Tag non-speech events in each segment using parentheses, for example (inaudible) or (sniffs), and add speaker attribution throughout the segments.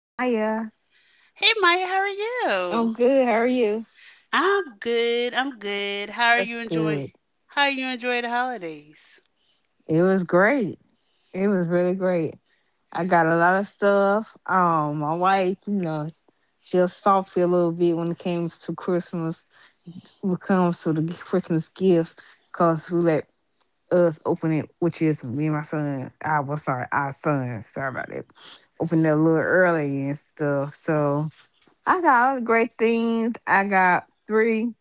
Speaker 1: Maya.
Speaker 2: Hey, Maya, how are
Speaker 1: I'm
Speaker 2: you?
Speaker 1: good. How are you?
Speaker 2: I'm good. I'm good. How are
Speaker 1: That's
Speaker 2: you
Speaker 1: good.
Speaker 2: enjoying? How you enjoy the holidays?
Speaker 1: It was great. It was really great. I got a lot of stuff. My wife, she'll softy a little bit when it comes to Christmas. When it comes to the Christmas gifts, cause who let us open it, which is me and my son. I was sorry, our son. Sorry about that. Opened it a little early and stuff. So I got all the great things. I got three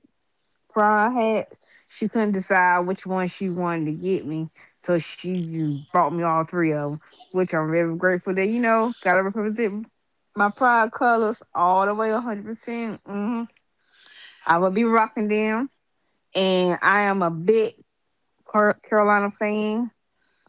Speaker 1: pride hats. She couldn't decide which one she wanted to get me, so she just bought me all three of them, which I'm very grateful that gotta represent my pride colors all the way, 100% I will be rocking them, and I am a big Carolina fan.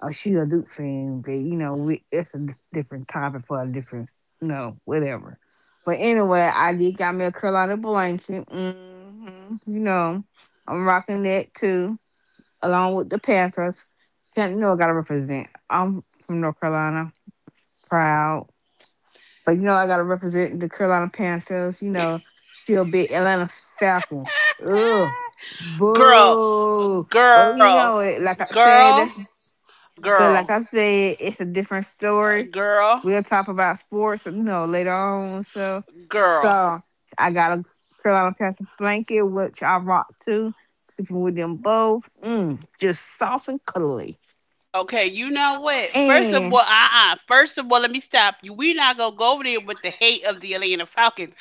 Speaker 1: Oh, she a Duke fan, but we, it's a different topic for a different, whatever. But anyway, I did got me a Carolina blanket. I'm rocking that too along with the Panthers. You know I gotta represent. I'm from North Carolina, proud. But you know I gotta represent the Carolina Panthers. Still big Atlanta Falcons. Ugh,
Speaker 2: Girl,
Speaker 1: boo. But you
Speaker 2: girl,
Speaker 1: know it. Like I
Speaker 2: girl,
Speaker 1: said, that's but
Speaker 2: girl,
Speaker 1: like I said, it's a different story.
Speaker 2: girl,
Speaker 1: We'll talk about sports, later on. So,
Speaker 2: girl.
Speaker 1: so I got a Carolina Panther blanket, which I rock too. Sleeping with them both, just soft and cuddly.
Speaker 2: Okay,
Speaker 1: And
Speaker 2: you know what? First of all, first of all, let me stop you. We not going to go over there with the hate of the Atlanta Falcons.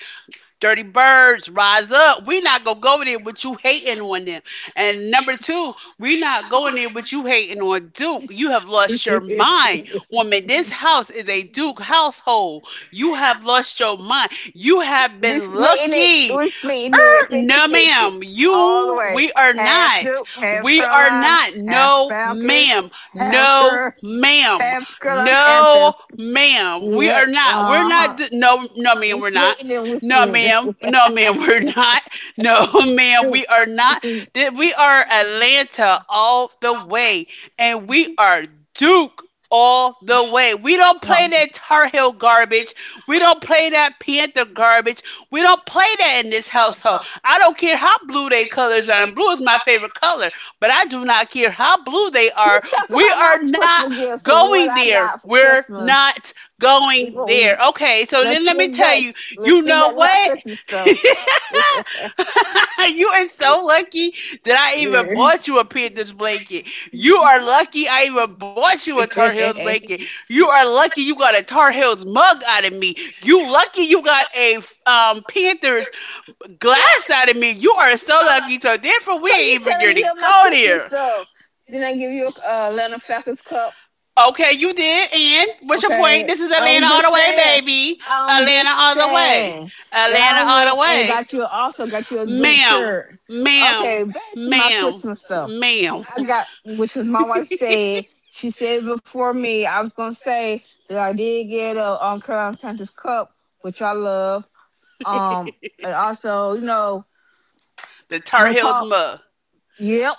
Speaker 2: Dirty birds, rise up. We are not gonna go in there with you hating on them. And number two, we're not going there with you hating on Duke. You have lost your mind. Woman, this house is a Duke household. You have lost your mind. You have
Speaker 1: we
Speaker 2: been
Speaker 1: splitting it.
Speaker 2: lucky.
Speaker 1: We splitting it
Speaker 2: No,
Speaker 1: 50-50,
Speaker 2: ma'am.
Speaker 1: all the
Speaker 2: You,
Speaker 1: way.
Speaker 2: we are
Speaker 1: Half
Speaker 2: not.
Speaker 1: Duke, half
Speaker 2: We are
Speaker 1: Carolina,
Speaker 2: not.
Speaker 1: half
Speaker 2: No,
Speaker 1: Falcons,
Speaker 2: ma'am.
Speaker 1: half
Speaker 2: No,
Speaker 1: Cur
Speaker 2: ma'am.
Speaker 1: half Carolina Panthers.
Speaker 2: No, ma'am. We are
Speaker 1: Yeah.
Speaker 2: not. We're not.
Speaker 1: Uh-huh.
Speaker 2: No, no, ma'am.
Speaker 1: We
Speaker 2: We're not.
Speaker 1: splitting it, we
Speaker 2: No,
Speaker 1: splitting
Speaker 2: ma'am. No, ma'am. (laughs) We're
Speaker 1: it.
Speaker 2: not. No, (laughs)
Speaker 1: (laughs)
Speaker 2: ma'am. We are not. We are Atlanta all the way, and we are Duke. All the way. We don't play
Speaker 1: Well,
Speaker 2: that Tar Heel garbage. We don't play that Panther garbage. We don't play that in this household. I don't care how blue they colors are, and blue is my favorite color. But I do not care how blue they are.
Speaker 1: you talk
Speaker 2: We
Speaker 1: about my
Speaker 2: are not
Speaker 1: Christmas gifts and what
Speaker 2: going
Speaker 1: I
Speaker 2: there.
Speaker 1: got for
Speaker 2: We're
Speaker 1: Christmas.
Speaker 2: not
Speaker 1: We
Speaker 2: going
Speaker 1: gon-
Speaker 2: there. Okay, so
Speaker 1: Let's
Speaker 2: then let me
Speaker 1: get
Speaker 2: tell
Speaker 1: back.
Speaker 2: you,
Speaker 1: Let's
Speaker 2: you
Speaker 1: get
Speaker 2: know
Speaker 1: back to my
Speaker 2: what?
Speaker 1: Christmas stuff.
Speaker 2: (laughs)
Speaker 1: So
Speaker 2: You are so lucky that I even bought you a Panthers blanket. You are lucky I even bought you a Tar Heels blanket. You are lucky you got a Tar Heels mug out of me. You lucky you got a Panthers glass out of me. You are so lucky. So therefore, we
Speaker 1: you
Speaker 2: ain't even
Speaker 1: telling
Speaker 2: going to
Speaker 1: me of my
Speaker 2: go
Speaker 1: Christmas
Speaker 2: there.
Speaker 1: stuff? Then I give you a Atlanta Falcons cup.
Speaker 2: Okay, you did. And what's your point?
Speaker 1: Okay,
Speaker 2: This is Atlanta
Speaker 1: I'm
Speaker 2: all
Speaker 1: just
Speaker 2: the way,
Speaker 1: saying.
Speaker 2: baby.
Speaker 1: I'm
Speaker 2: Atlanta
Speaker 1: just
Speaker 2: all the way.
Speaker 1: saying that I
Speaker 2: Atlanta all the
Speaker 1: went and
Speaker 2: way.
Speaker 1: got you also got you a Duke
Speaker 2: Ma'am,
Speaker 1: shirt.
Speaker 2: ma'am,
Speaker 1: Okay, back to my
Speaker 2: ma'am,
Speaker 1: Christmas stuff.
Speaker 2: ma'am.
Speaker 1: I got which was my wife said. She said before me, I was gonna say that I did get a Carolina Panthers cup, which I love. Um,
Speaker 2: (laughs)
Speaker 1: and also,
Speaker 2: The Tar
Speaker 1: when
Speaker 2: Heels
Speaker 1: call,
Speaker 2: mug.
Speaker 1: yep,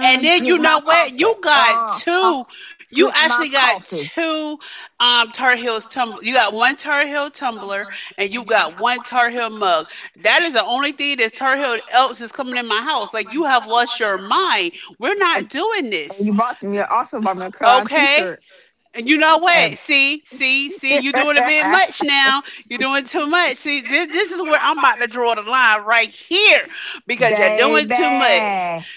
Speaker 2: And then you
Speaker 1: drink
Speaker 2: know
Speaker 1: my
Speaker 2: what? You
Speaker 1: coffee.
Speaker 2: got
Speaker 1: Uh, uh,
Speaker 2: two. You
Speaker 1: drink my
Speaker 2: actually got
Speaker 1: coffee.
Speaker 2: two Tar Heels tumbler. You got one Tar Heel tumbler and you got one Tar Heel mug. That is the only thing that's Tar Heel else is coming in my house. Like you have lost your mind. We're
Speaker 1: And
Speaker 2: not doing
Speaker 1: and
Speaker 2: this.
Speaker 1: you bought me also bought me a Carolina
Speaker 2: Okay?
Speaker 1: T-shirt.
Speaker 2: And you know what?
Speaker 1: Okay,
Speaker 2: See, you're doing a bit much now.
Speaker 1: (laughs)
Speaker 2: You're doing too much. See, this is where I'm about to draw the line right here because you're doing
Speaker 1: baby.
Speaker 2: too much.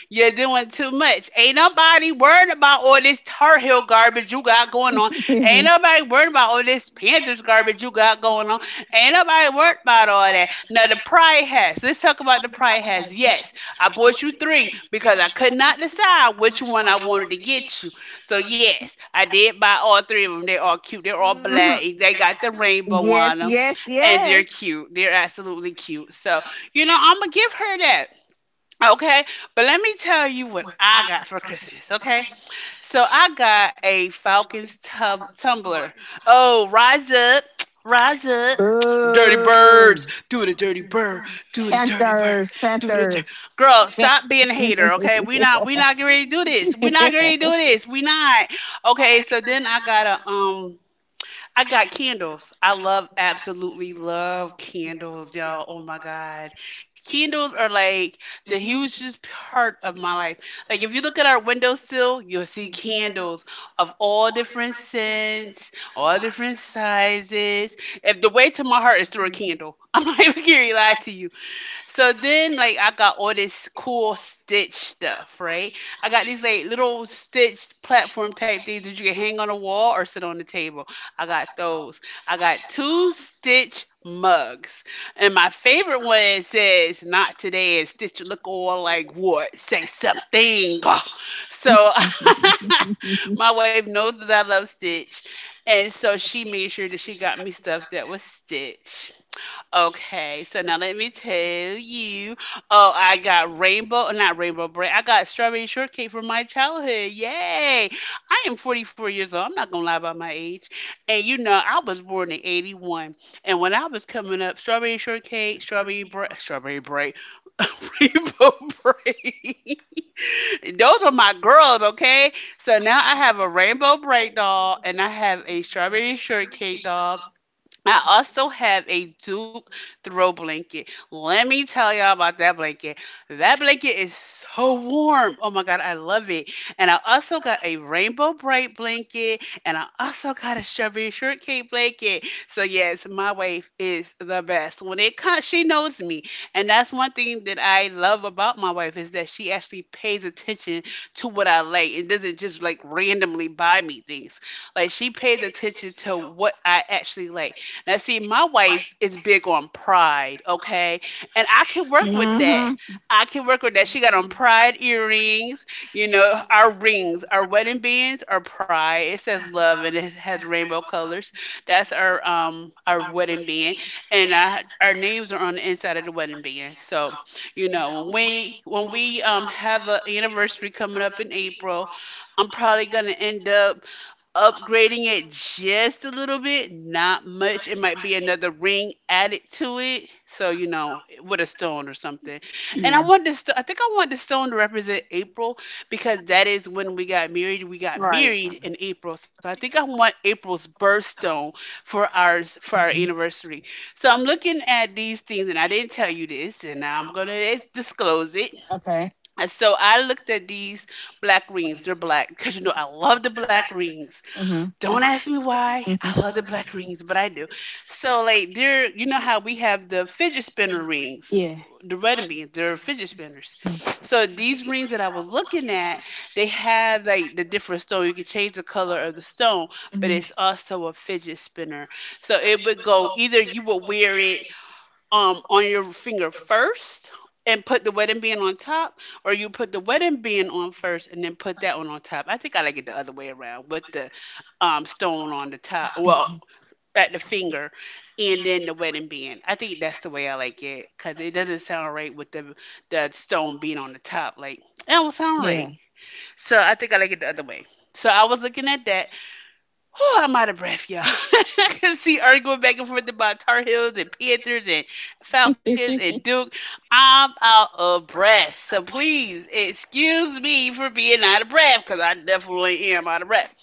Speaker 2: You're doing too much. Ain't nobody worried about all this Tar Heel garbage you got going on. Ain't nobody worried about all this Panthers garbage you got going on.
Speaker 1: (laughs)
Speaker 2: Ain't nobody worried about all that. Now, the pride hats. Let's talk about the pride hats. Yes, I bought you three because I could not decide which one I wanted to get you, so yes, I did buy all three of them. They're all cute. They're all black.
Speaker 1: Mhm.
Speaker 2: They got the rainbow on
Speaker 1: Yes,
Speaker 2: them,
Speaker 1: yes,
Speaker 2: and they're
Speaker 1: yes.
Speaker 2: cute. They're absolutely cute. So you know, I'm gonna give her that. Okay, but let me tell you what I got for Christmas. Okay, so I got a tumbler. Oh, rise up, (tsk) rise up. (tsk) Dirty
Speaker 1: Boo.
Speaker 2: birds, do the dirty bird, do the dirty bird,
Speaker 1: Panthers,
Speaker 2: do the dir-
Speaker 1: Panthers.
Speaker 2: girl.
Speaker 1: Yeah.
Speaker 2: Stop being a hater, okay? We not getting ready to do this. We not getting ready to do this. We not, okay? So then I got a I got candles. I love, absolutely love candles, y'all. Oh my God. Candles are like the hugest part of my life. Like, if you look at our windowsill, you'll see candles of all different scents, all different sizes. If the way to my heart is through a candle, (laughs) I'm not even gonna lie to you. So then, like, I got all this cool Stitch stuff, right? I got these like little stitched platform type things that you can hang on a wall or sit on the table. I got those. I got two Stitch mugs, and my favorite one says "Not today," and Stitch look all like, "What? Say something." (laughs) So. (laughs) My wife knows that I love Stitch, and so she made sure that she got me stuff that was Stitch. Okay, so now let me tell you. Oh, not rainbow bread. I got strawberry shortcake from my childhood. Yay! I am 44 years old. I'm not gonna lie about my age. And you know, I was born in 81. And when I was coming up, strawberry shortcake, strawberry bread, (laughs) rainbow bread. (laughs) Those are my girls, okay? So now I have a rainbow bread doll and I have a strawberry shortcake doll. I also have a Duke throw blanket. Let me tell y'all about that blanket. That blanket is so warm. Oh my God, I love it. And I also got a rainbow bright blanket and I also got a strawberry shortcake blanket. So, yes, my wife is the best. When it comes, she knows me. And that's one thing that I love about my wife is that she actually pays attention to what I like and doesn't just like randomly buy me things. Like, she pays attention to what I actually like. Now, see, my wife is big on pride, okay? And I can work with that.
Speaker 1: Hmm.
Speaker 2: I can work with that. She got on pride earrings, you know, our rings, our wedding bands are pride. It says love and it has rainbow colors. That's our wedding band. And I, our names are on the inside of the wedding band. So, you know, when we have an anniversary coming up in April, I'm probably gonna end up upgrading it just a little bit, not much. It might be another ring added to it. So, you know, with a stone or something. And I wanted to, I think I wanted the stone to represent April because that is when we got married. We got married in April. So I think I want April's birthstone for ours, for our anniversary. So I'm looking at these things and I didn't tell you this and now I'm going to disclose it.
Speaker 1: Okay.
Speaker 2: And so I looked at these black rings. They're black because, you know, I love the black rings.
Speaker 1: Okay.
Speaker 2: Don't ask me why. I love the black rings, but I do. So like they're you know how we have the fidget spinner rings,
Speaker 1: Yeah.
Speaker 2: the wedding beans, they're
Speaker 1: Mm.
Speaker 2: fidget spinners. So these rings that I was looking at, they have like the different stone. You can change the color of the stone, but
Speaker 1: Mhm.
Speaker 2: it's also a fidget spinner. So it would go either you would wear it on your finger first and put the wedding band on top, or you put the wedding band on first and then put that one on top. I think I like it the other way around with the stone on the top. Well, at the finger and then the wedding band. I think that's the way I like it because it doesn't sound right with the stone being on the top. Like, that don't sound right.
Speaker 1: Yeah.
Speaker 2: So I think I like it the other way. So I was looking at that. Oh, I'm out of breath, y'all. (laughs) I can see Earth going back and forth about Tar Heels and Panthers and Falcons and Duke. I'm out of breath. So please excuse me for being out of breath because I definitely am out of breath.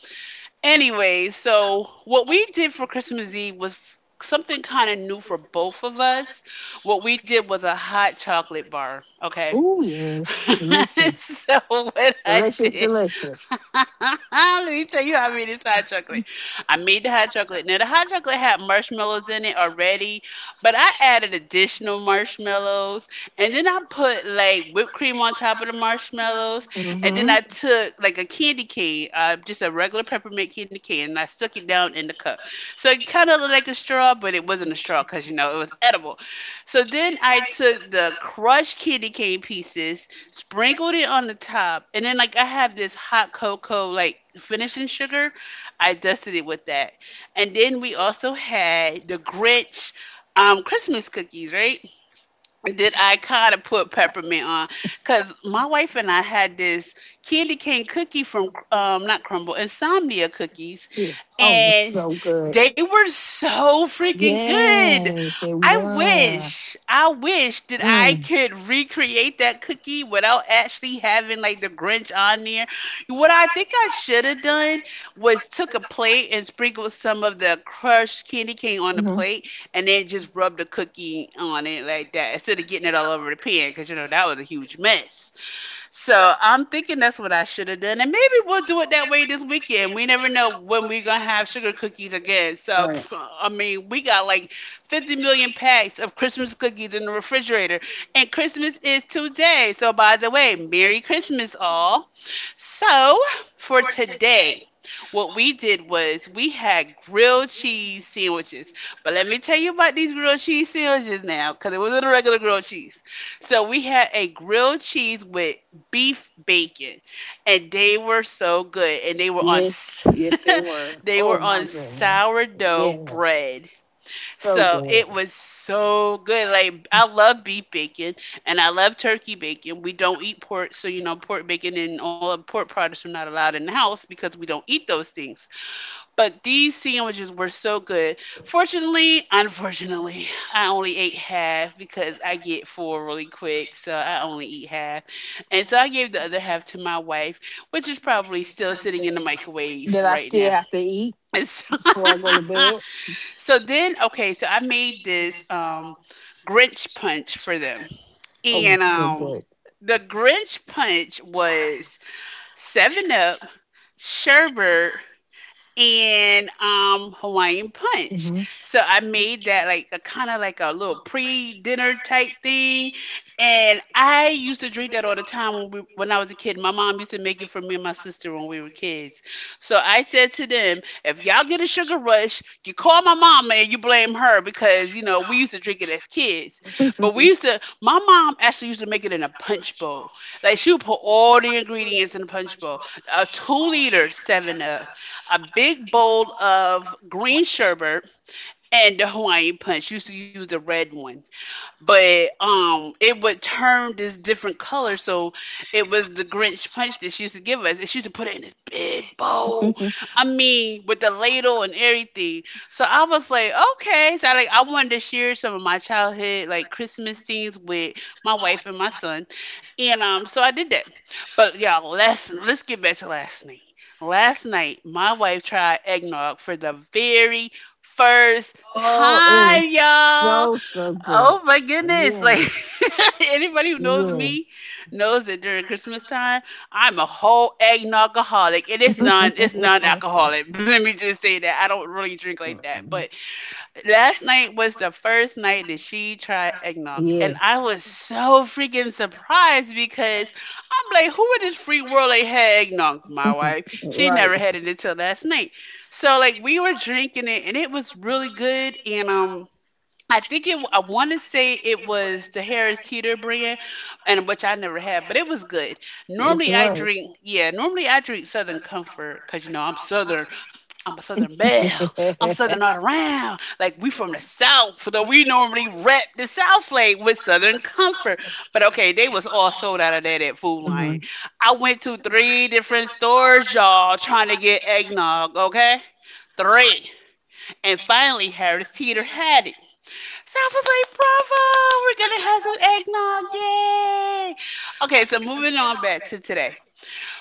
Speaker 2: Anyway, so what we did for Christmas Eve was something kind of new for both of us. What we did was a hot chocolate bar, okay? (laughs) So what I did, (laughs) let me tell you how I made this hot chocolate. I made the hot chocolate. Now the hot chocolate had marshmallows in it already, but I added additional marshmallows, and then I put like whipped cream on top of the marshmallows, and then
Speaker 1: hmm
Speaker 2: I took like a candy cane, just a regular peppermint candy cane, and I stuck it down in the cup. So it kind of looked like a straw, but it wasn't a straw because you know it was edible. So then I took the crushed candy cane pieces sprinkled it on the top, and then like I have this hot cocoa like finishing sugar, I dusted it with that, and then we also had the Grinch Christmas cookies, right? Did I kind of put peppermint on? Because my wife and I had this candy cane cookie from, not Crumble, Insomnia cookies,
Speaker 1: Oh, it was
Speaker 2: and
Speaker 1: so good.
Speaker 2: they were so freaking good. I wish that I could recreate that cookie without actually having like the Grinch on there. What I think I should have done was took a plate and sprinkled some of the crushed candy cane on the
Speaker 1: Hmm.
Speaker 2: plate and then just rub the cookie on it like that instead of getting it all over the pan because you know that was a huge mess. So I'm thinking that's what I should have done, and maybe we'll do it that way this weekend. We never know when we're gonna have sugar cookies again. So
Speaker 1: Right.
Speaker 2: (sniffs) I mean, we got like 50 million packs of Christmas cookies in the refrigerator, and Christmas is today. So by the way, Merry Christmas, all. So, for today, what we did was we had grilled cheese sandwiches. But let me tell you about these grilled cheese sandwiches now, because it wasn't a regular grilled cheese. So, we had a grilled cheese with beef bacon, and they were so good. And they were on
Speaker 1: Yes, yes, they
Speaker 2: (laughs)
Speaker 1: were.
Speaker 2: they were
Speaker 1: Oh my
Speaker 2: on
Speaker 1: goodness.
Speaker 2: sourdough
Speaker 1: Yes,
Speaker 2: bread
Speaker 1: so
Speaker 2: so
Speaker 1: good.
Speaker 2: it was so good. Like I love beef bacon and I love turkey bacon. We don't eat pork, so you know pork bacon and all the pork products are not allowed in the house because we don't eat those things. But these sandwiches were so good. Fortunately, unfortunately, (laughs) I only ate half because I get full really quick, so I only eat half. And so I gave the other half to my wife, which is probably still sitting in the microwave
Speaker 1: Did I
Speaker 2: right
Speaker 1: still
Speaker 2: now. (laughs)
Speaker 1: have to eat
Speaker 2: And so
Speaker 1: before I go to
Speaker 2: (laughs)
Speaker 1: bed?
Speaker 2: So then, okay, so I made this Grinch punch for them,
Speaker 1: Oh,
Speaker 2: and
Speaker 1: so good.
Speaker 2: the Grinch punch was Seven Up, sherbet, and Hawaiian punch.
Speaker 1: hmm
Speaker 2: So I made that like a kind of like a little pre-dinner type thing. And I used to drink that all the time when I was a kid. My mom used to make it for me and my sister when we were kids. So I said to them, if y'all get a sugar rush, you call my mama and you blame her because, you know, we used to drink it as kids. But we used to, my mom actually used to make it in a punch bowl. Like she would put all the ingredients in a punch bowl, a 2 liter 7 Up, a big bowl of green sherbet, and the Hawaiian punch. Used to use the red one, but it would turn this different color, so it was the Grinch punch that she used to give us, and she used to put it in this big bowl, I mean, with the ladle and everything. So I was like, okay, so I wanted to share some of my childhood like Christmas scenes with my wife and my son, and so I did that. But y'all last let's get back to last night. Last night my wife tried eggnog for the very first
Speaker 1: Oh, it was
Speaker 2: time, y'all.
Speaker 1: so so good.
Speaker 2: Oh my goodness. Like
Speaker 1: Yes,
Speaker 2: (laughs) anybody who knows me
Speaker 1: yes,
Speaker 2: knows that during Christmas time, I'm a whole eggnog-aholic. And
Speaker 1: (laughs)
Speaker 2: it's non-alcoholic. (laughs) Let me just say that. I don't really drink like that. But last night was the first night that she tried eggnog.
Speaker 1: yeah.
Speaker 2: And I was so freaking surprised because I'm like, who in this free world ain't had eggnog? My wife. She
Speaker 1: Right.
Speaker 2: never had it until last night. So like we were drinking it and it was really good. And I think it. I want to say it was the Harris Teeter brand, and which I never had, but it was good.
Speaker 1: Yes, it
Speaker 2: Normally I
Speaker 1: was.
Speaker 2: drink, yeah. Normally I drink Southern Comfort, cause you know I'm Southern. I'm a Southern belle. I'm
Speaker 1: (laughs) Yes.
Speaker 2: Southern all around. Like we from the South, so we normally rep the South Lake with Southern Comfort. But okay, they was all sold out of that at Food Lion.
Speaker 1: Mhm.
Speaker 2: I went to three different stores, y'all, trying to get eggnog. Okay, three, and finally Harris Teeter had it. So I was like, bravo, we're gonna have some eggnog, yay! Okay, so moving on back to today.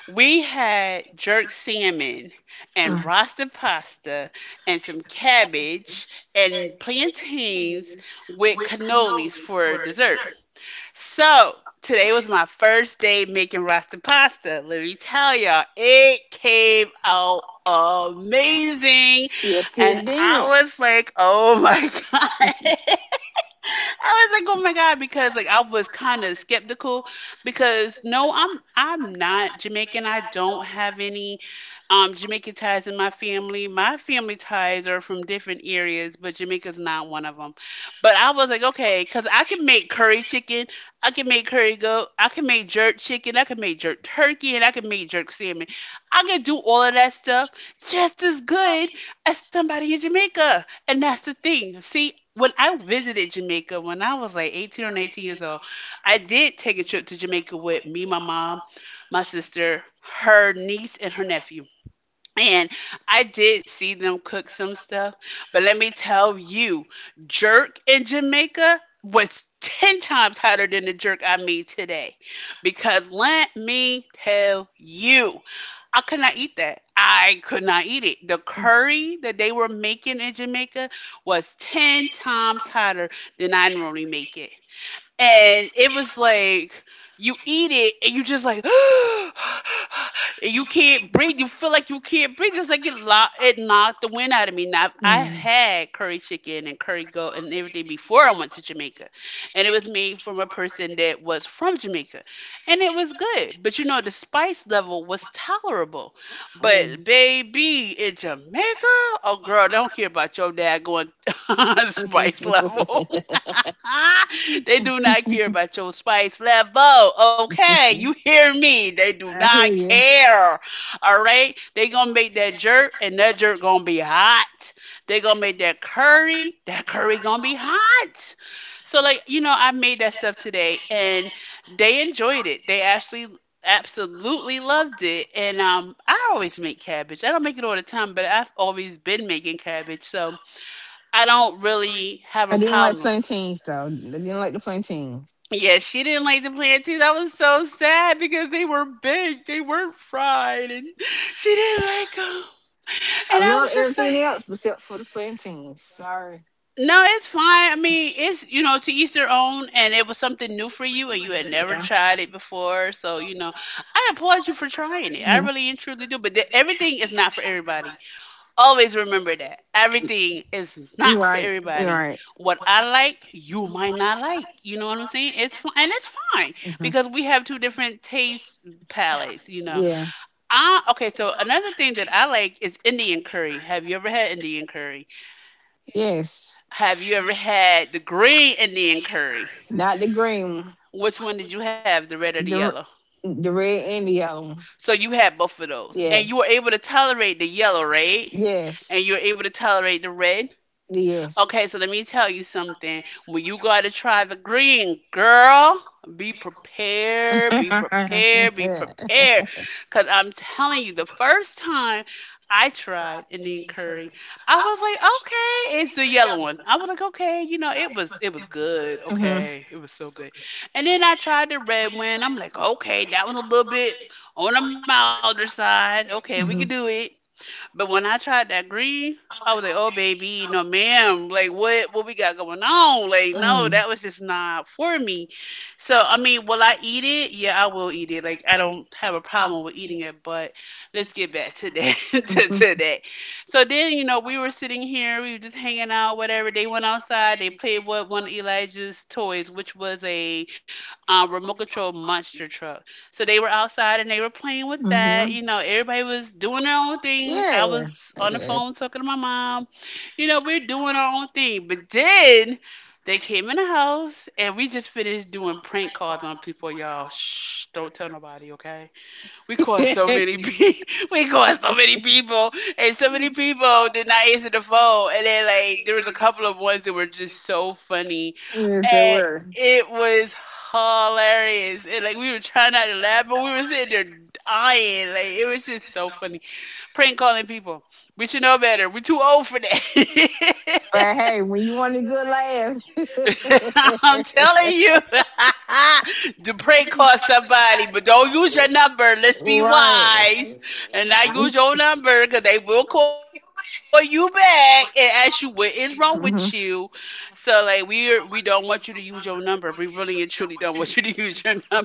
Speaker 2: We had jerk salmon and roasted pasta and some cabbage and plantains with cannolis for dessert. So today was my first day making roasted pasta. Let me tell y'all, it came out amazing.
Speaker 1: Yes,
Speaker 2: And
Speaker 1: it did.
Speaker 2: I was like, oh my (laughs) God! I was like, oh my God, because like I was kind of skeptical because I'm not Jamaican. I don't have any Jamaican ties in my family. My family ties are from different areas, but Jamaica's not one of them. But I was like, okay, because I can make curry chicken, I can make curry goat, I can make jerk chicken, I can make jerk turkey, and I can make jerk salmon. I can do all of that stuff just as good as somebody in Jamaica. And that's the thing. See, when I visited Jamaica when I was like 18 or 19 years old, I did take a trip to Jamaica with me, my mom, my sister, her niece, and her nephew. And I did see them cook some stuff, but let me tell you, jerk in Jamaica was 10 times hotter than the jerk I made today. Because let me tell you, I could not eat that. I could not eat it. The curry that they were making in Jamaica was 10 times hotter than I normally make it, and it was like you eat it and you just like (gasps) and you can't breathe. You feel like you can't breathe. It's like it knocked the wind out of me. Now I've
Speaker 1: Mm.
Speaker 2: had curry chicken and curry goat and everything before I went to Jamaica, and it was made from a person that was from Jamaica, and it was good. But you know the spice level was tolerable. But
Speaker 1: (laughs)
Speaker 2: baby in Jamaica, oh girl, I don't care about your dad going (laughs) spice level. (laughs) They do not care about your spice level. Okay, you hear me? They do not care. All right, they gonna make that jerk, and that jerk gonna be hot. They gonna make that curry. That curry gonna be hot. So like you know, I made that stuff today, and they enjoyed it. They actually absolutely loved it. And I always make cabbage. I don't make it all the time, but I've always been making cabbage, so I don't really have a
Speaker 1: I didn't like
Speaker 2: problem.
Speaker 1: plantains though. I didn't like the plantains.
Speaker 2: Yeah, she didn't like the plant too. That was so sad because they were baked, they weren't fried, and (laughs) she didn't like them. And
Speaker 1: I
Speaker 2: I was
Speaker 1: love
Speaker 2: just like,
Speaker 1: everything else except for the plantains. Sorry.
Speaker 2: no, it's fine. I mean, it's, you know, to each their own, and it was something new for you, and you had never tried it before. So, you know, I applaud you for trying it. I really and truly do. Everything is not for everybody. Always remember that everything is not for
Speaker 1: Right.
Speaker 2: everybody. What I like, you might not like. You know what I'm saying? It's fine, and it's fine because we have two different taste palettes. You know.
Speaker 1: Yeah.
Speaker 2: Ah, okay. So another thing that I like is Indian curry. Have you ever had Indian curry?
Speaker 1: Yes.
Speaker 2: Have you ever had the green Indian curry?
Speaker 1: Not the green one.
Speaker 2: Which one did you have, the red or the yellow?
Speaker 1: r- the red and the yellow one.
Speaker 2: So you had both of those, and you were
Speaker 1: Yes.
Speaker 2: able to tolerate the yellow, right?
Speaker 1: Yes.
Speaker 2: And you were able to tolerate the red.
Speaker 1: Yes.
Speaker 2: Okay, so let me tell you something. When you go to try the green, girl, be prepared, be
Speaker 1: (laughs)
Speaker 2: prepared, be prepared. Because I'm telling you, the first time I tried Indian curry, I was like, okay, it's the yellow one. I was like, okay, you know, it was good. Okay, it was so good. And then I tried the red one. I'm like, okay, that was a little bit on the milder side. Okay, we could do it. But when I tried that green, I was like, oh, baby, no, ma'am. Like, what we got going on? Like, no, that was just not for me. So, I mean, will I eat it? Yeah, I will eat it. Like, I don't have a problem with eating it, but let's get back to that, (laughs) to
Speaker 1: Mhm.
Speaker 2: that. So then, you know, we were sitting here, we were just hanging out, whatever. They went outside, they played with one of Elijah's toys, which was a remote control monster truck. So they were outside and they were playing with that.
Speaker 1: Mhm.
Speaker 2: You know, everybody was doing their own thing. I was on the phone talking to my mom. You know, we're doing our own thing. But then they came in the house and we just finished doing prank calls on people, y'all. Shh, don't tell nobody, okay? We called so many people. (laughs) We called so many people, and so many people did not answer the phone. And then like there was a couple of ones that were just so funny,
Speaker 1: Yes, they
Speaker 2: and
Speaker 1: were.
Speaker 2: it was hilarious. And like we were trying not to laugh, but we were sitting there dying. Like it was just so funny. Prank calling people. We should know better. We're too old for that.
Speaker 1: But
Speaker 2: (laughs)
Speaker 1: hey, when you want a good laugh. (laughs)
Speaker 2: (laughs) I'm telling you, (laughs) to pray call somebody, but don't use your number. Let's be
Speaker 1: Right.
Speaker 2: wise and not use your number because they will call you back and ask you what is wrong with you. So like we don't want you to use your number. We really and truly don't want you to (laughs) use your number.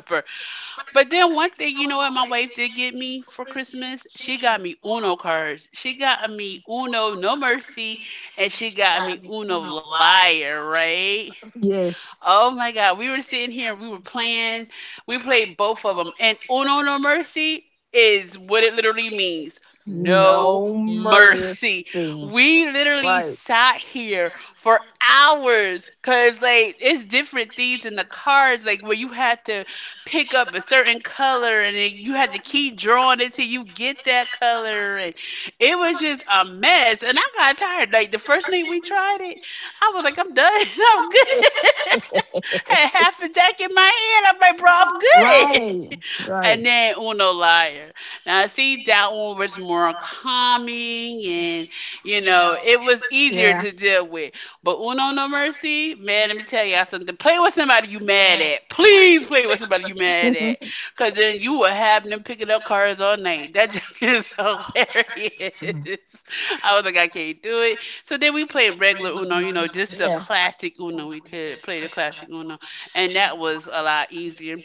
Speaker 2: But then one thing, you know what my wife did get me for Christmas? She got me Uno cards. She got me Uno No Mercy and she got me Uno Liar, right?
Speaker 1: Yes.
Speaker 2: Oh my God, we were sitting here, we were playing, we played both of them, and Uno No Mercy is what it literally means. No
Speaker 1: No mercy.
Speaker 2: mercy. We literally
Speaker 1: Right?
Speaker 2: sat here for hours because, like, it's different things in the cards, like where you had to pick up a certain color and then you had to keep drawing it till you get that color. And it was just a mess. And I got tired. Like, the first night we tried it, I was like, I'm done. (laughs) I'm good,
Speaker 1: (laughs)
Speaker 2: had half a deck in my hand. I'm like, bro, I'm good.
Speaker 1: Right. Right.
Speaker 2: And then Uno Liar. Now, see, that one was more calming and, you know, it was easier to deal with. But Uno No Mercy, man, let me tell y'all something. Play with somebody you mad at. Please play with somebody you mad at. Because then you will have them picking up cars all night. That joke (laughs) is hilarious. I was like, I can't do it. So then we played regular Uno, you know, just the classic Uno. We did play the classic Uno. And that was a lot easier.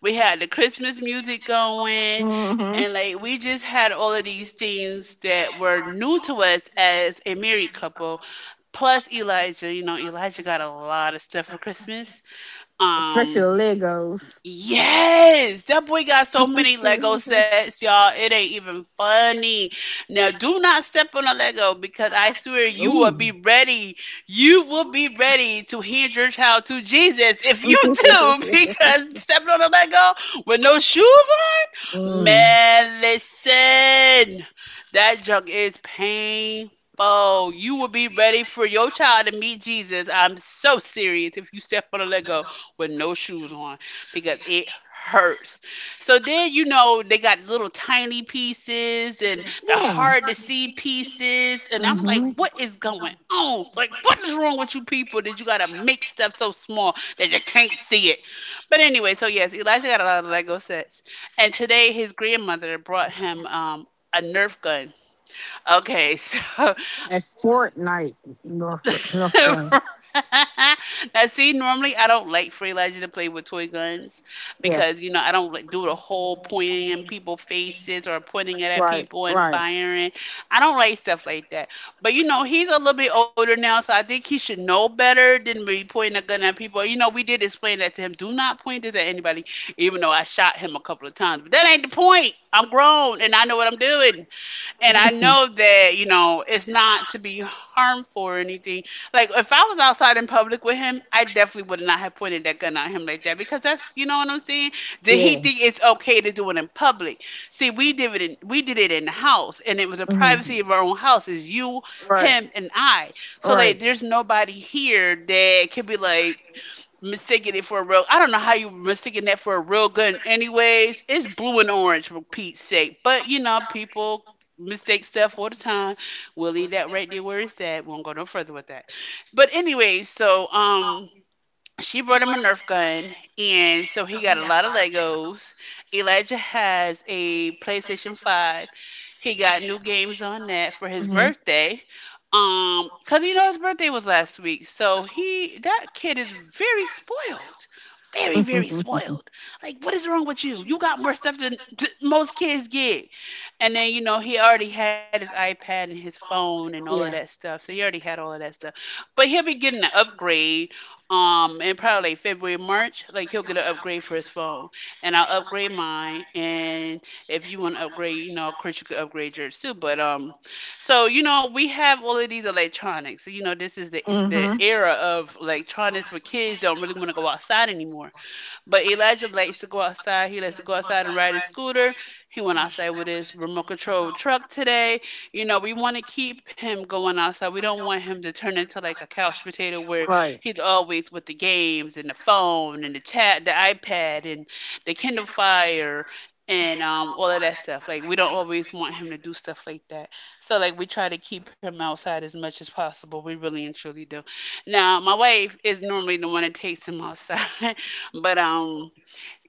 Speaker 2: We had the Christmas music going, and like we just had all of these things that were new to us as a married couple. Plus Elijah, you know, Elijah got a lot of stuff for Christmas.
Speaker 1: Brush
Speaker 2: Um,
Speaker 1: your legs.
Speaker 2: Yes, that boy got so many Lego sets, y'all. It ain't even funny. Now, do not step on a Lego because I swear you will be ready. You will be ready to hand your child to Jesus if you do. (laughs) Because stepping on a Lego with no shoes on,
Speaker 1: Mm.
Speaker 2: man, listen, that junk is painful. You will be ready for your child to meet Jesus. I'm so serious if you step on a Lego with no shoes on because it hurts. So then you know they got little tiny pieces and the
Speaker 1: Yeah,
Speaker 2: hard to see pieces and I'm like what is going on? Like what is wrong with you people that you got to make stuff so small that you can't see it? But anyway, so yes, Elijah got a lot of Lego sets. And today his grandmother brought him a Nerf gun. Okay, so (laughs)
Speaker 1: at Fortnite, North,
Speaker 2: (laughs)
Speaker 1: North,
Speaker 2: now, see, normally I don't like Free Legend to play with toy guns
Speaker 1: yeah,
Speaker 2: because you know I don't like do the whole pointing in people's faces or pointing it at
Speaker 1: right,
Speaker 2: people and firing. I don't like stuff like that. But you know he's a little bit older now, so I think he should know better than be pointing a gun at people. You know we did explain that to him. Do not point this at anybody, even though I shot him a couple of times. But that ain't the point. I'm grown and I know what I'm doing. And I know that, you know, it's not to be harmful or anything. Like, if I was outside in public with him, I definitely would not have pointed that gun at him like that because that's, you know what I'm saying? Did he
Speaker 1: yeah.
Speaker 2: think it's okay to do it in public? See, we did it in the house and it was the
Speaker 1: Hmm,
Speaker 2: privacy of our own house. It's you,
Speaker 1: right,
Speaker 2: him, and I. So, like,
Speaker 1: right.
Speaker 2: there's nobody here that could be like, mistaking it for a real. I don't know how you were that for a real gun. Anyways, it's blue and orange for Pete's sake. But you know, people mistake stuff all the time. We'll leave that right there where it's at. Won't go no further with that. But anyways, so she brought him a Nerf gun, and so he got a lot of Legos. Elijah has a PlayStation 5. He got new games on that for his birthday. Cause you know his birthday was last week, so he that kid is very spoiled, very spoiled. Like, what is wrong with you? You got more stuff than most kids get. And then you know he already had his iPad and his phone and all of that stuff, so he already had all of that stuff. But he'll be getting an upgrade and probably like February, March, like he'll get an upgrade for his phone. And I'll upgrade mine. And if you want to upgrade, you know, of course you could upgrade yours too. But So you know, we have all of these electronics. You know, this is the
Speaker 1: Mm-hmm.
Speaker 2: era of electronics where kids don't really want to go outside anymore. But Elijah likes to go outside. He likes to go outside and ride his scooter. He went outside with his remote control truck today. You know, we want to keep him going outside. We don't want him to turn into like a couch potato where
Speaker 1: Right.
Speaker 2: he's always with the games and the phone and the iPad and the Kindle Fire and all of that stuff. Like we don't always want him to do stuff like that. So like we try to keep him outside as much as possible. We really and truly do. Now my wife is normally the one that takes him outside. But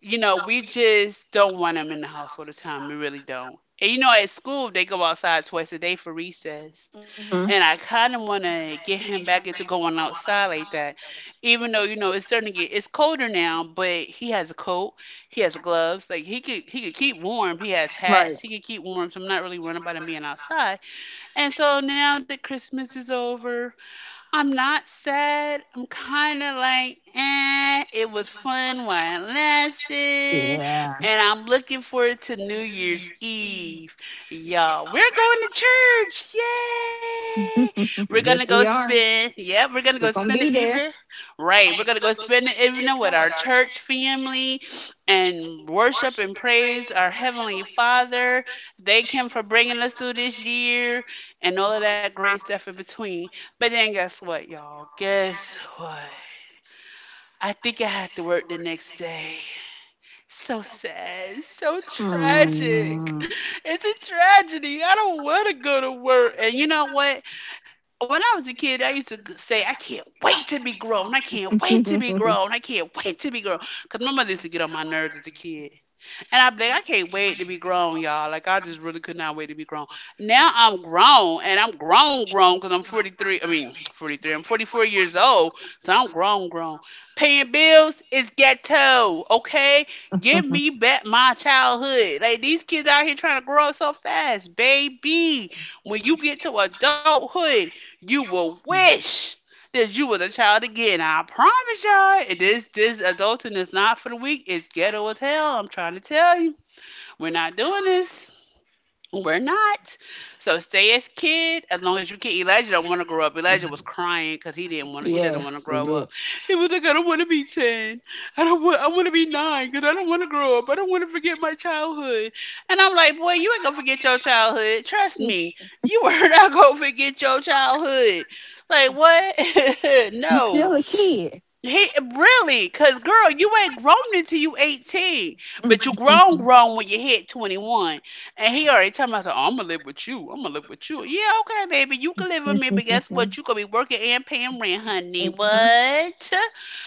Speaker 2: you know, we just don't want them in the house all the time. We really don't. And you know, at school they go outside twice a day for recess,
Speaker 1: Hmm,
Speaker 2: and I kind of want to get him back into going outside like that. Even though you know it's starting to get it's colder now, but he has a coat, he has gloves, like he could keep warm. He has hats, he could keep warm. So I'm not really worried about him being outside. And so now that Christmas is over, I'm not sad. I'm kind of like, eh, it was fun while it lasted.
Speaker 1: yeah.
Speaker 2: And I'm looking forward to New Year's Eve. Y'all, we're going to church. Yay! We're going
Speaker 1: Yes,
Speaker 2: to
Speaker 1: we
Speaker 2: go
Speaker 1: are.
Speaker 2: spend, yep, we're going to go spend the evening. Right, we're going to go spend the evening with our church family and worship and praise our Heavenly Father. Thank Him for bringing us through this year and all of that great stuff in between. But then guess what, y'all? Guess what? I think I had to work the next day. So sad, so tragic. It's a tragedy. I don't want to go to work. And you know what? When I was a kid, I used to say, I can't wait to be grown. I can't wait to be
Speaker 1: (laughs)
Speaker 2: grown. I can't wait to be grown. Because my mother used to get on my nerves as a kid. And I'm like, I can't wait to be grown, y'all. Like, I just really could not wait to be grown. Now I'm grown, and I'm grown, grown, because I'm 43. I mean, 43. I'm 44 years old, so I'm grown, grown. Paying bills is ghetto, okay? Give me back my childhood. Like, these kids out here trying to grow up so fast, baby. When you get to adulthood, you will wish that you was a child again. I promise y'all, this adulting is not for the weak. It's ghetto as hell. I'm trying to tell you, we're not doing this. We're not. So stay as kid as long as you can. Elijah don't want to grow up. Elijah was crying because he didn't want.
Speaker 1: We
Speaker 2: He doesn't want to grow
Speaker 1: did.
Speaker 2: up. He was like, I don't want to be ten. I don't want. I want to be nine because I don't want to grow up. I don't want to forget my childhood. And I'm like, boy, you ain't gonna forget your childhood. Trust me, you are (laughs) not gonna forget your childhood. Like what? (laughs)
Speaker 1: You still a
Speaker 2: No.
Speaker 1: kid.
Speaker 2: He really, cause girl, you ain't grown until you 18, but you grown, grown when you hit 21. And he already told me, I said, "I'm gonna live with you. I'm gonna live with you." Yeah, okay, baby, you can live with me, but guess what? You
Speaker 1: (laughs)
Speaker 2: gonna be working and paying rent, honey. What?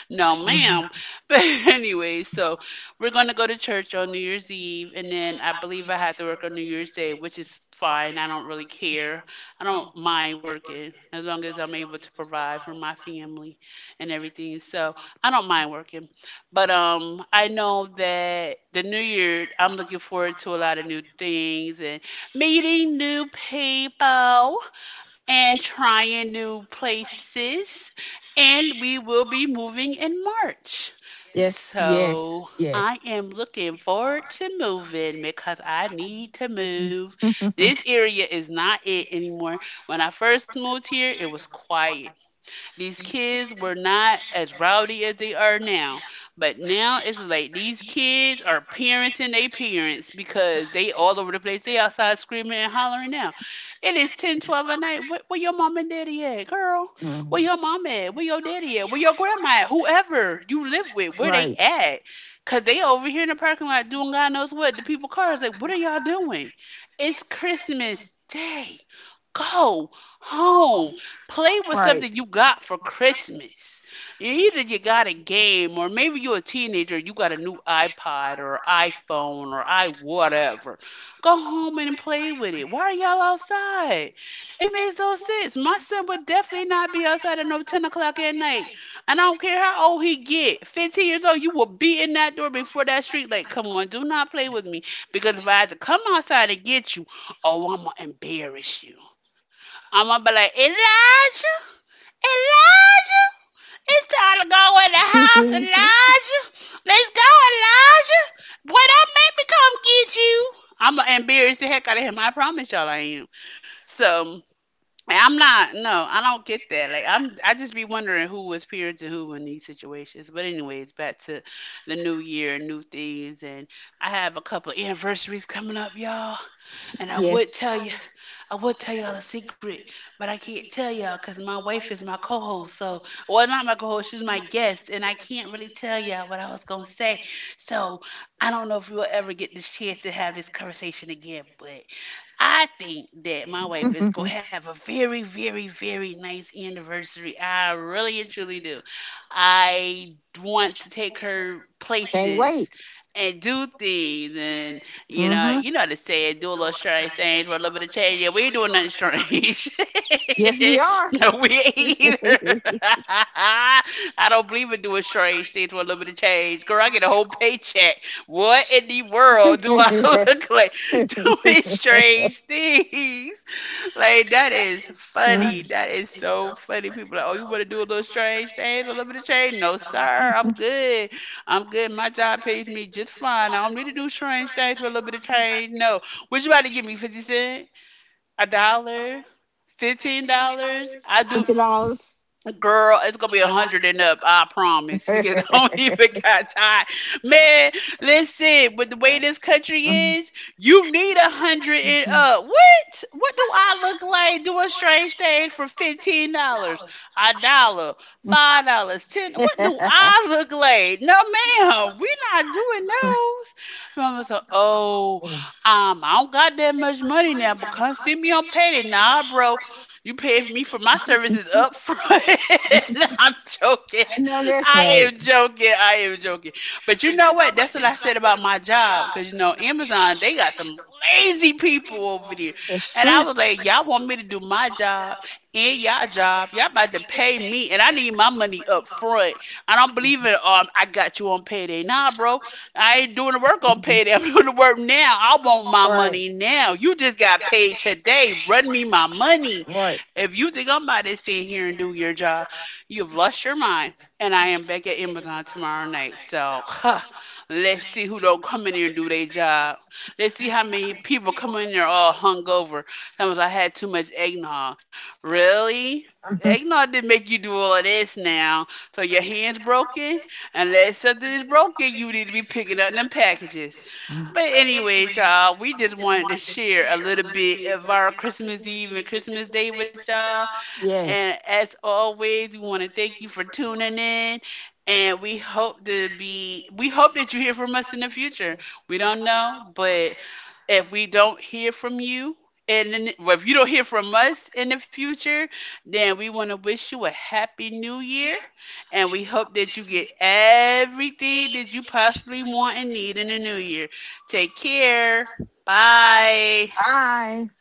Speaker 2: No, ma'am. (laughs) But anyway, so we're gonna go to church on New Year's Eve, and then I believe I have to work on New Year's Day, which is fine. I don't really care. I don't mind working as long as I'm able to provide for my family and everything. So I don't mind working. But I know that the new year I'm looking forward to a lot of new things and meeting new people and trying new places. And we will be moving in March.
Speaker 1: Yes, yes,
Speaker 2: So
Speaker 1: yes.
Speaker 2: I am looking forward to moving because I need to move.
Speaker 1: (laughs)
Speaker 2: This area is not it anymore. When I first moved here, it was quiet. These kids were not as rowdy as they are now. But now it's like these kids are parenting their parents because they all over the place. They outside screaming and hollering now. It is 10, 12 at night. Where your mom and daddy at, girl?
Speaker 1: Mm.
Speaker 2: Where your mom at? Where your daddy at? Where your grandma at? Whoever you live with, where they
Speaker 1: Right,
Speaker 2: at? Cause they over here in the parking lot doing God knows what. The people cars like, what are y'all doing? It's Christmas Day. Go home. Play with
Speaker 1: right.
Speaker 2: something you got for Christmas. Either you got a game, or maybe you're a teenager, you got a new iPod or iPhone or I whatever. Go home and play with it. Why are y'all outside? It makes no sense. My son would definitely not be outside at no 10 o'clock at night. And I don't care how old he get. 15 years old, you will be in that door before that street light. Come on, do not play with me. Because if I had to come outside and get you, oh, I'm going to embarrass you. I'm going to be like, Elijah. Elijah, it's time to go in the house,
Speaker 1: (laughs)
Speaker 2: Elijah. Let's go, Elijah. Boy, don't make me come get you. I'm gonna embarrass the heck out of him. I promise y'all I am. So I'm not. No, I don't get that. Like I'm. I just be wondering who was parent to who in these situations. But anyways, back to the new year, new things, and I have a couple anniversaries coming up, y'all. And I would
Speaker 1: Yes.
Speaker 2: tell you. I would tell y'all a secret, but I can't tell y'all because my wife is my co-host. So, well, not my co-host, she's my guest, and I can't really tell y'all what I was gonna say. So, I don't know if we'll ever get this chance to have this conversation again, but I think that my wife is going to have a very, very, very nice anniversary. I really and truly do. I want to take her
Speaker 1: Wait.
Speaker 2: places and do things and, you know how to say it, do a little strange things for a little bit of change. Yeah, we ain't doing nothing strange.
Speaker 1: Yes, we
Speaker 2: (laughs)
Speaker 1: are.
Speaker 2: No, we ain't either. (laughs) I don't believe in doing strange things for a little bit of change. Girl, I get a whole paycheck. What in the world do I (laughs)
Speaker 1: (laughs)
Speaker 2: look like doing strange things? Like that is funny. That is so funny. People are like, oh, you want to do a little strange thing, a little bit of change? No, sir. I'm
Speaker 1: Mm.
Speaker 2: good. I'm good. My job pays me just fine. I don't need to do strange things for a little bit of change. No. What you about to give me, 50 Cent? A dollar, fifteen
Speaker 1: Fifteen
Speaker 2: dollars.
Speaker 1: dollars.
Speaker 2: I
Speaker 1: Fifty
Speaker 2: do,
Speaker 1: dollars.
Speaker 2: girl. It's gonna be 100 and up. I promise because (laughs) I don't even got time. Man, listen. With the way this country is, you need 100 and up. What? What do I look like doing strange things for $15? A dollar. $5, 10. What do I look like? No, ma'am, we not doing those. Mama said, "Oh, I don't got that much money now, but come see me on payday. Nah, bro, you pay me for my services up front. (laughs) I'm joking.
Speaker 1: I know that's
Speaker 2: I
Speaker 1: right.
Speaker 2: am joking. I am joking. But you know what? That's what I said about my job. Cause you know, Amazon, they got some lazy people over there. And I
Speaker 1: Three,
Speaker 2: was like, y'all want me to do my job and y'all job. Y'all about to pay me and I need my money up front. I don't believe in I got you on payday. Nah, bro. I ain't doing the work on payday. (laughs) I'm doing the work now. I want my
Speaker 1: right,
Speaker 2: money now. You just got paid today. Run me my money.
Speaker 1: right.
Speaker 2: If you think I'm about to sit here and do your job, you've lost your mind. And I am back at Amazon tomorrow night. So huh, let's see who don't come in here and do their job. Let's see how many people come in there all hungover. Sometimes I had too much eggnog. Really? Eggnog didn't make you do all of this now. So your hands broken? Unless something is broken, you need to be picking up them packages. But anyways, y'all, we just wanted to share a little bit of our Christmas Eve and Christmas Day with y'all.
Speaker 1: Yes.
Speaker 2: And as always, we want to thank you for tuning in. And we hope that you hear from us in the future. We don't know, but if we don't hear from you and then- well, if you don't hear from us in the future, then we want to wish you a happy new year and we hope that you get everything that you possibly want and need in the new year. Take care. Bye.
Speaker 1: Bye.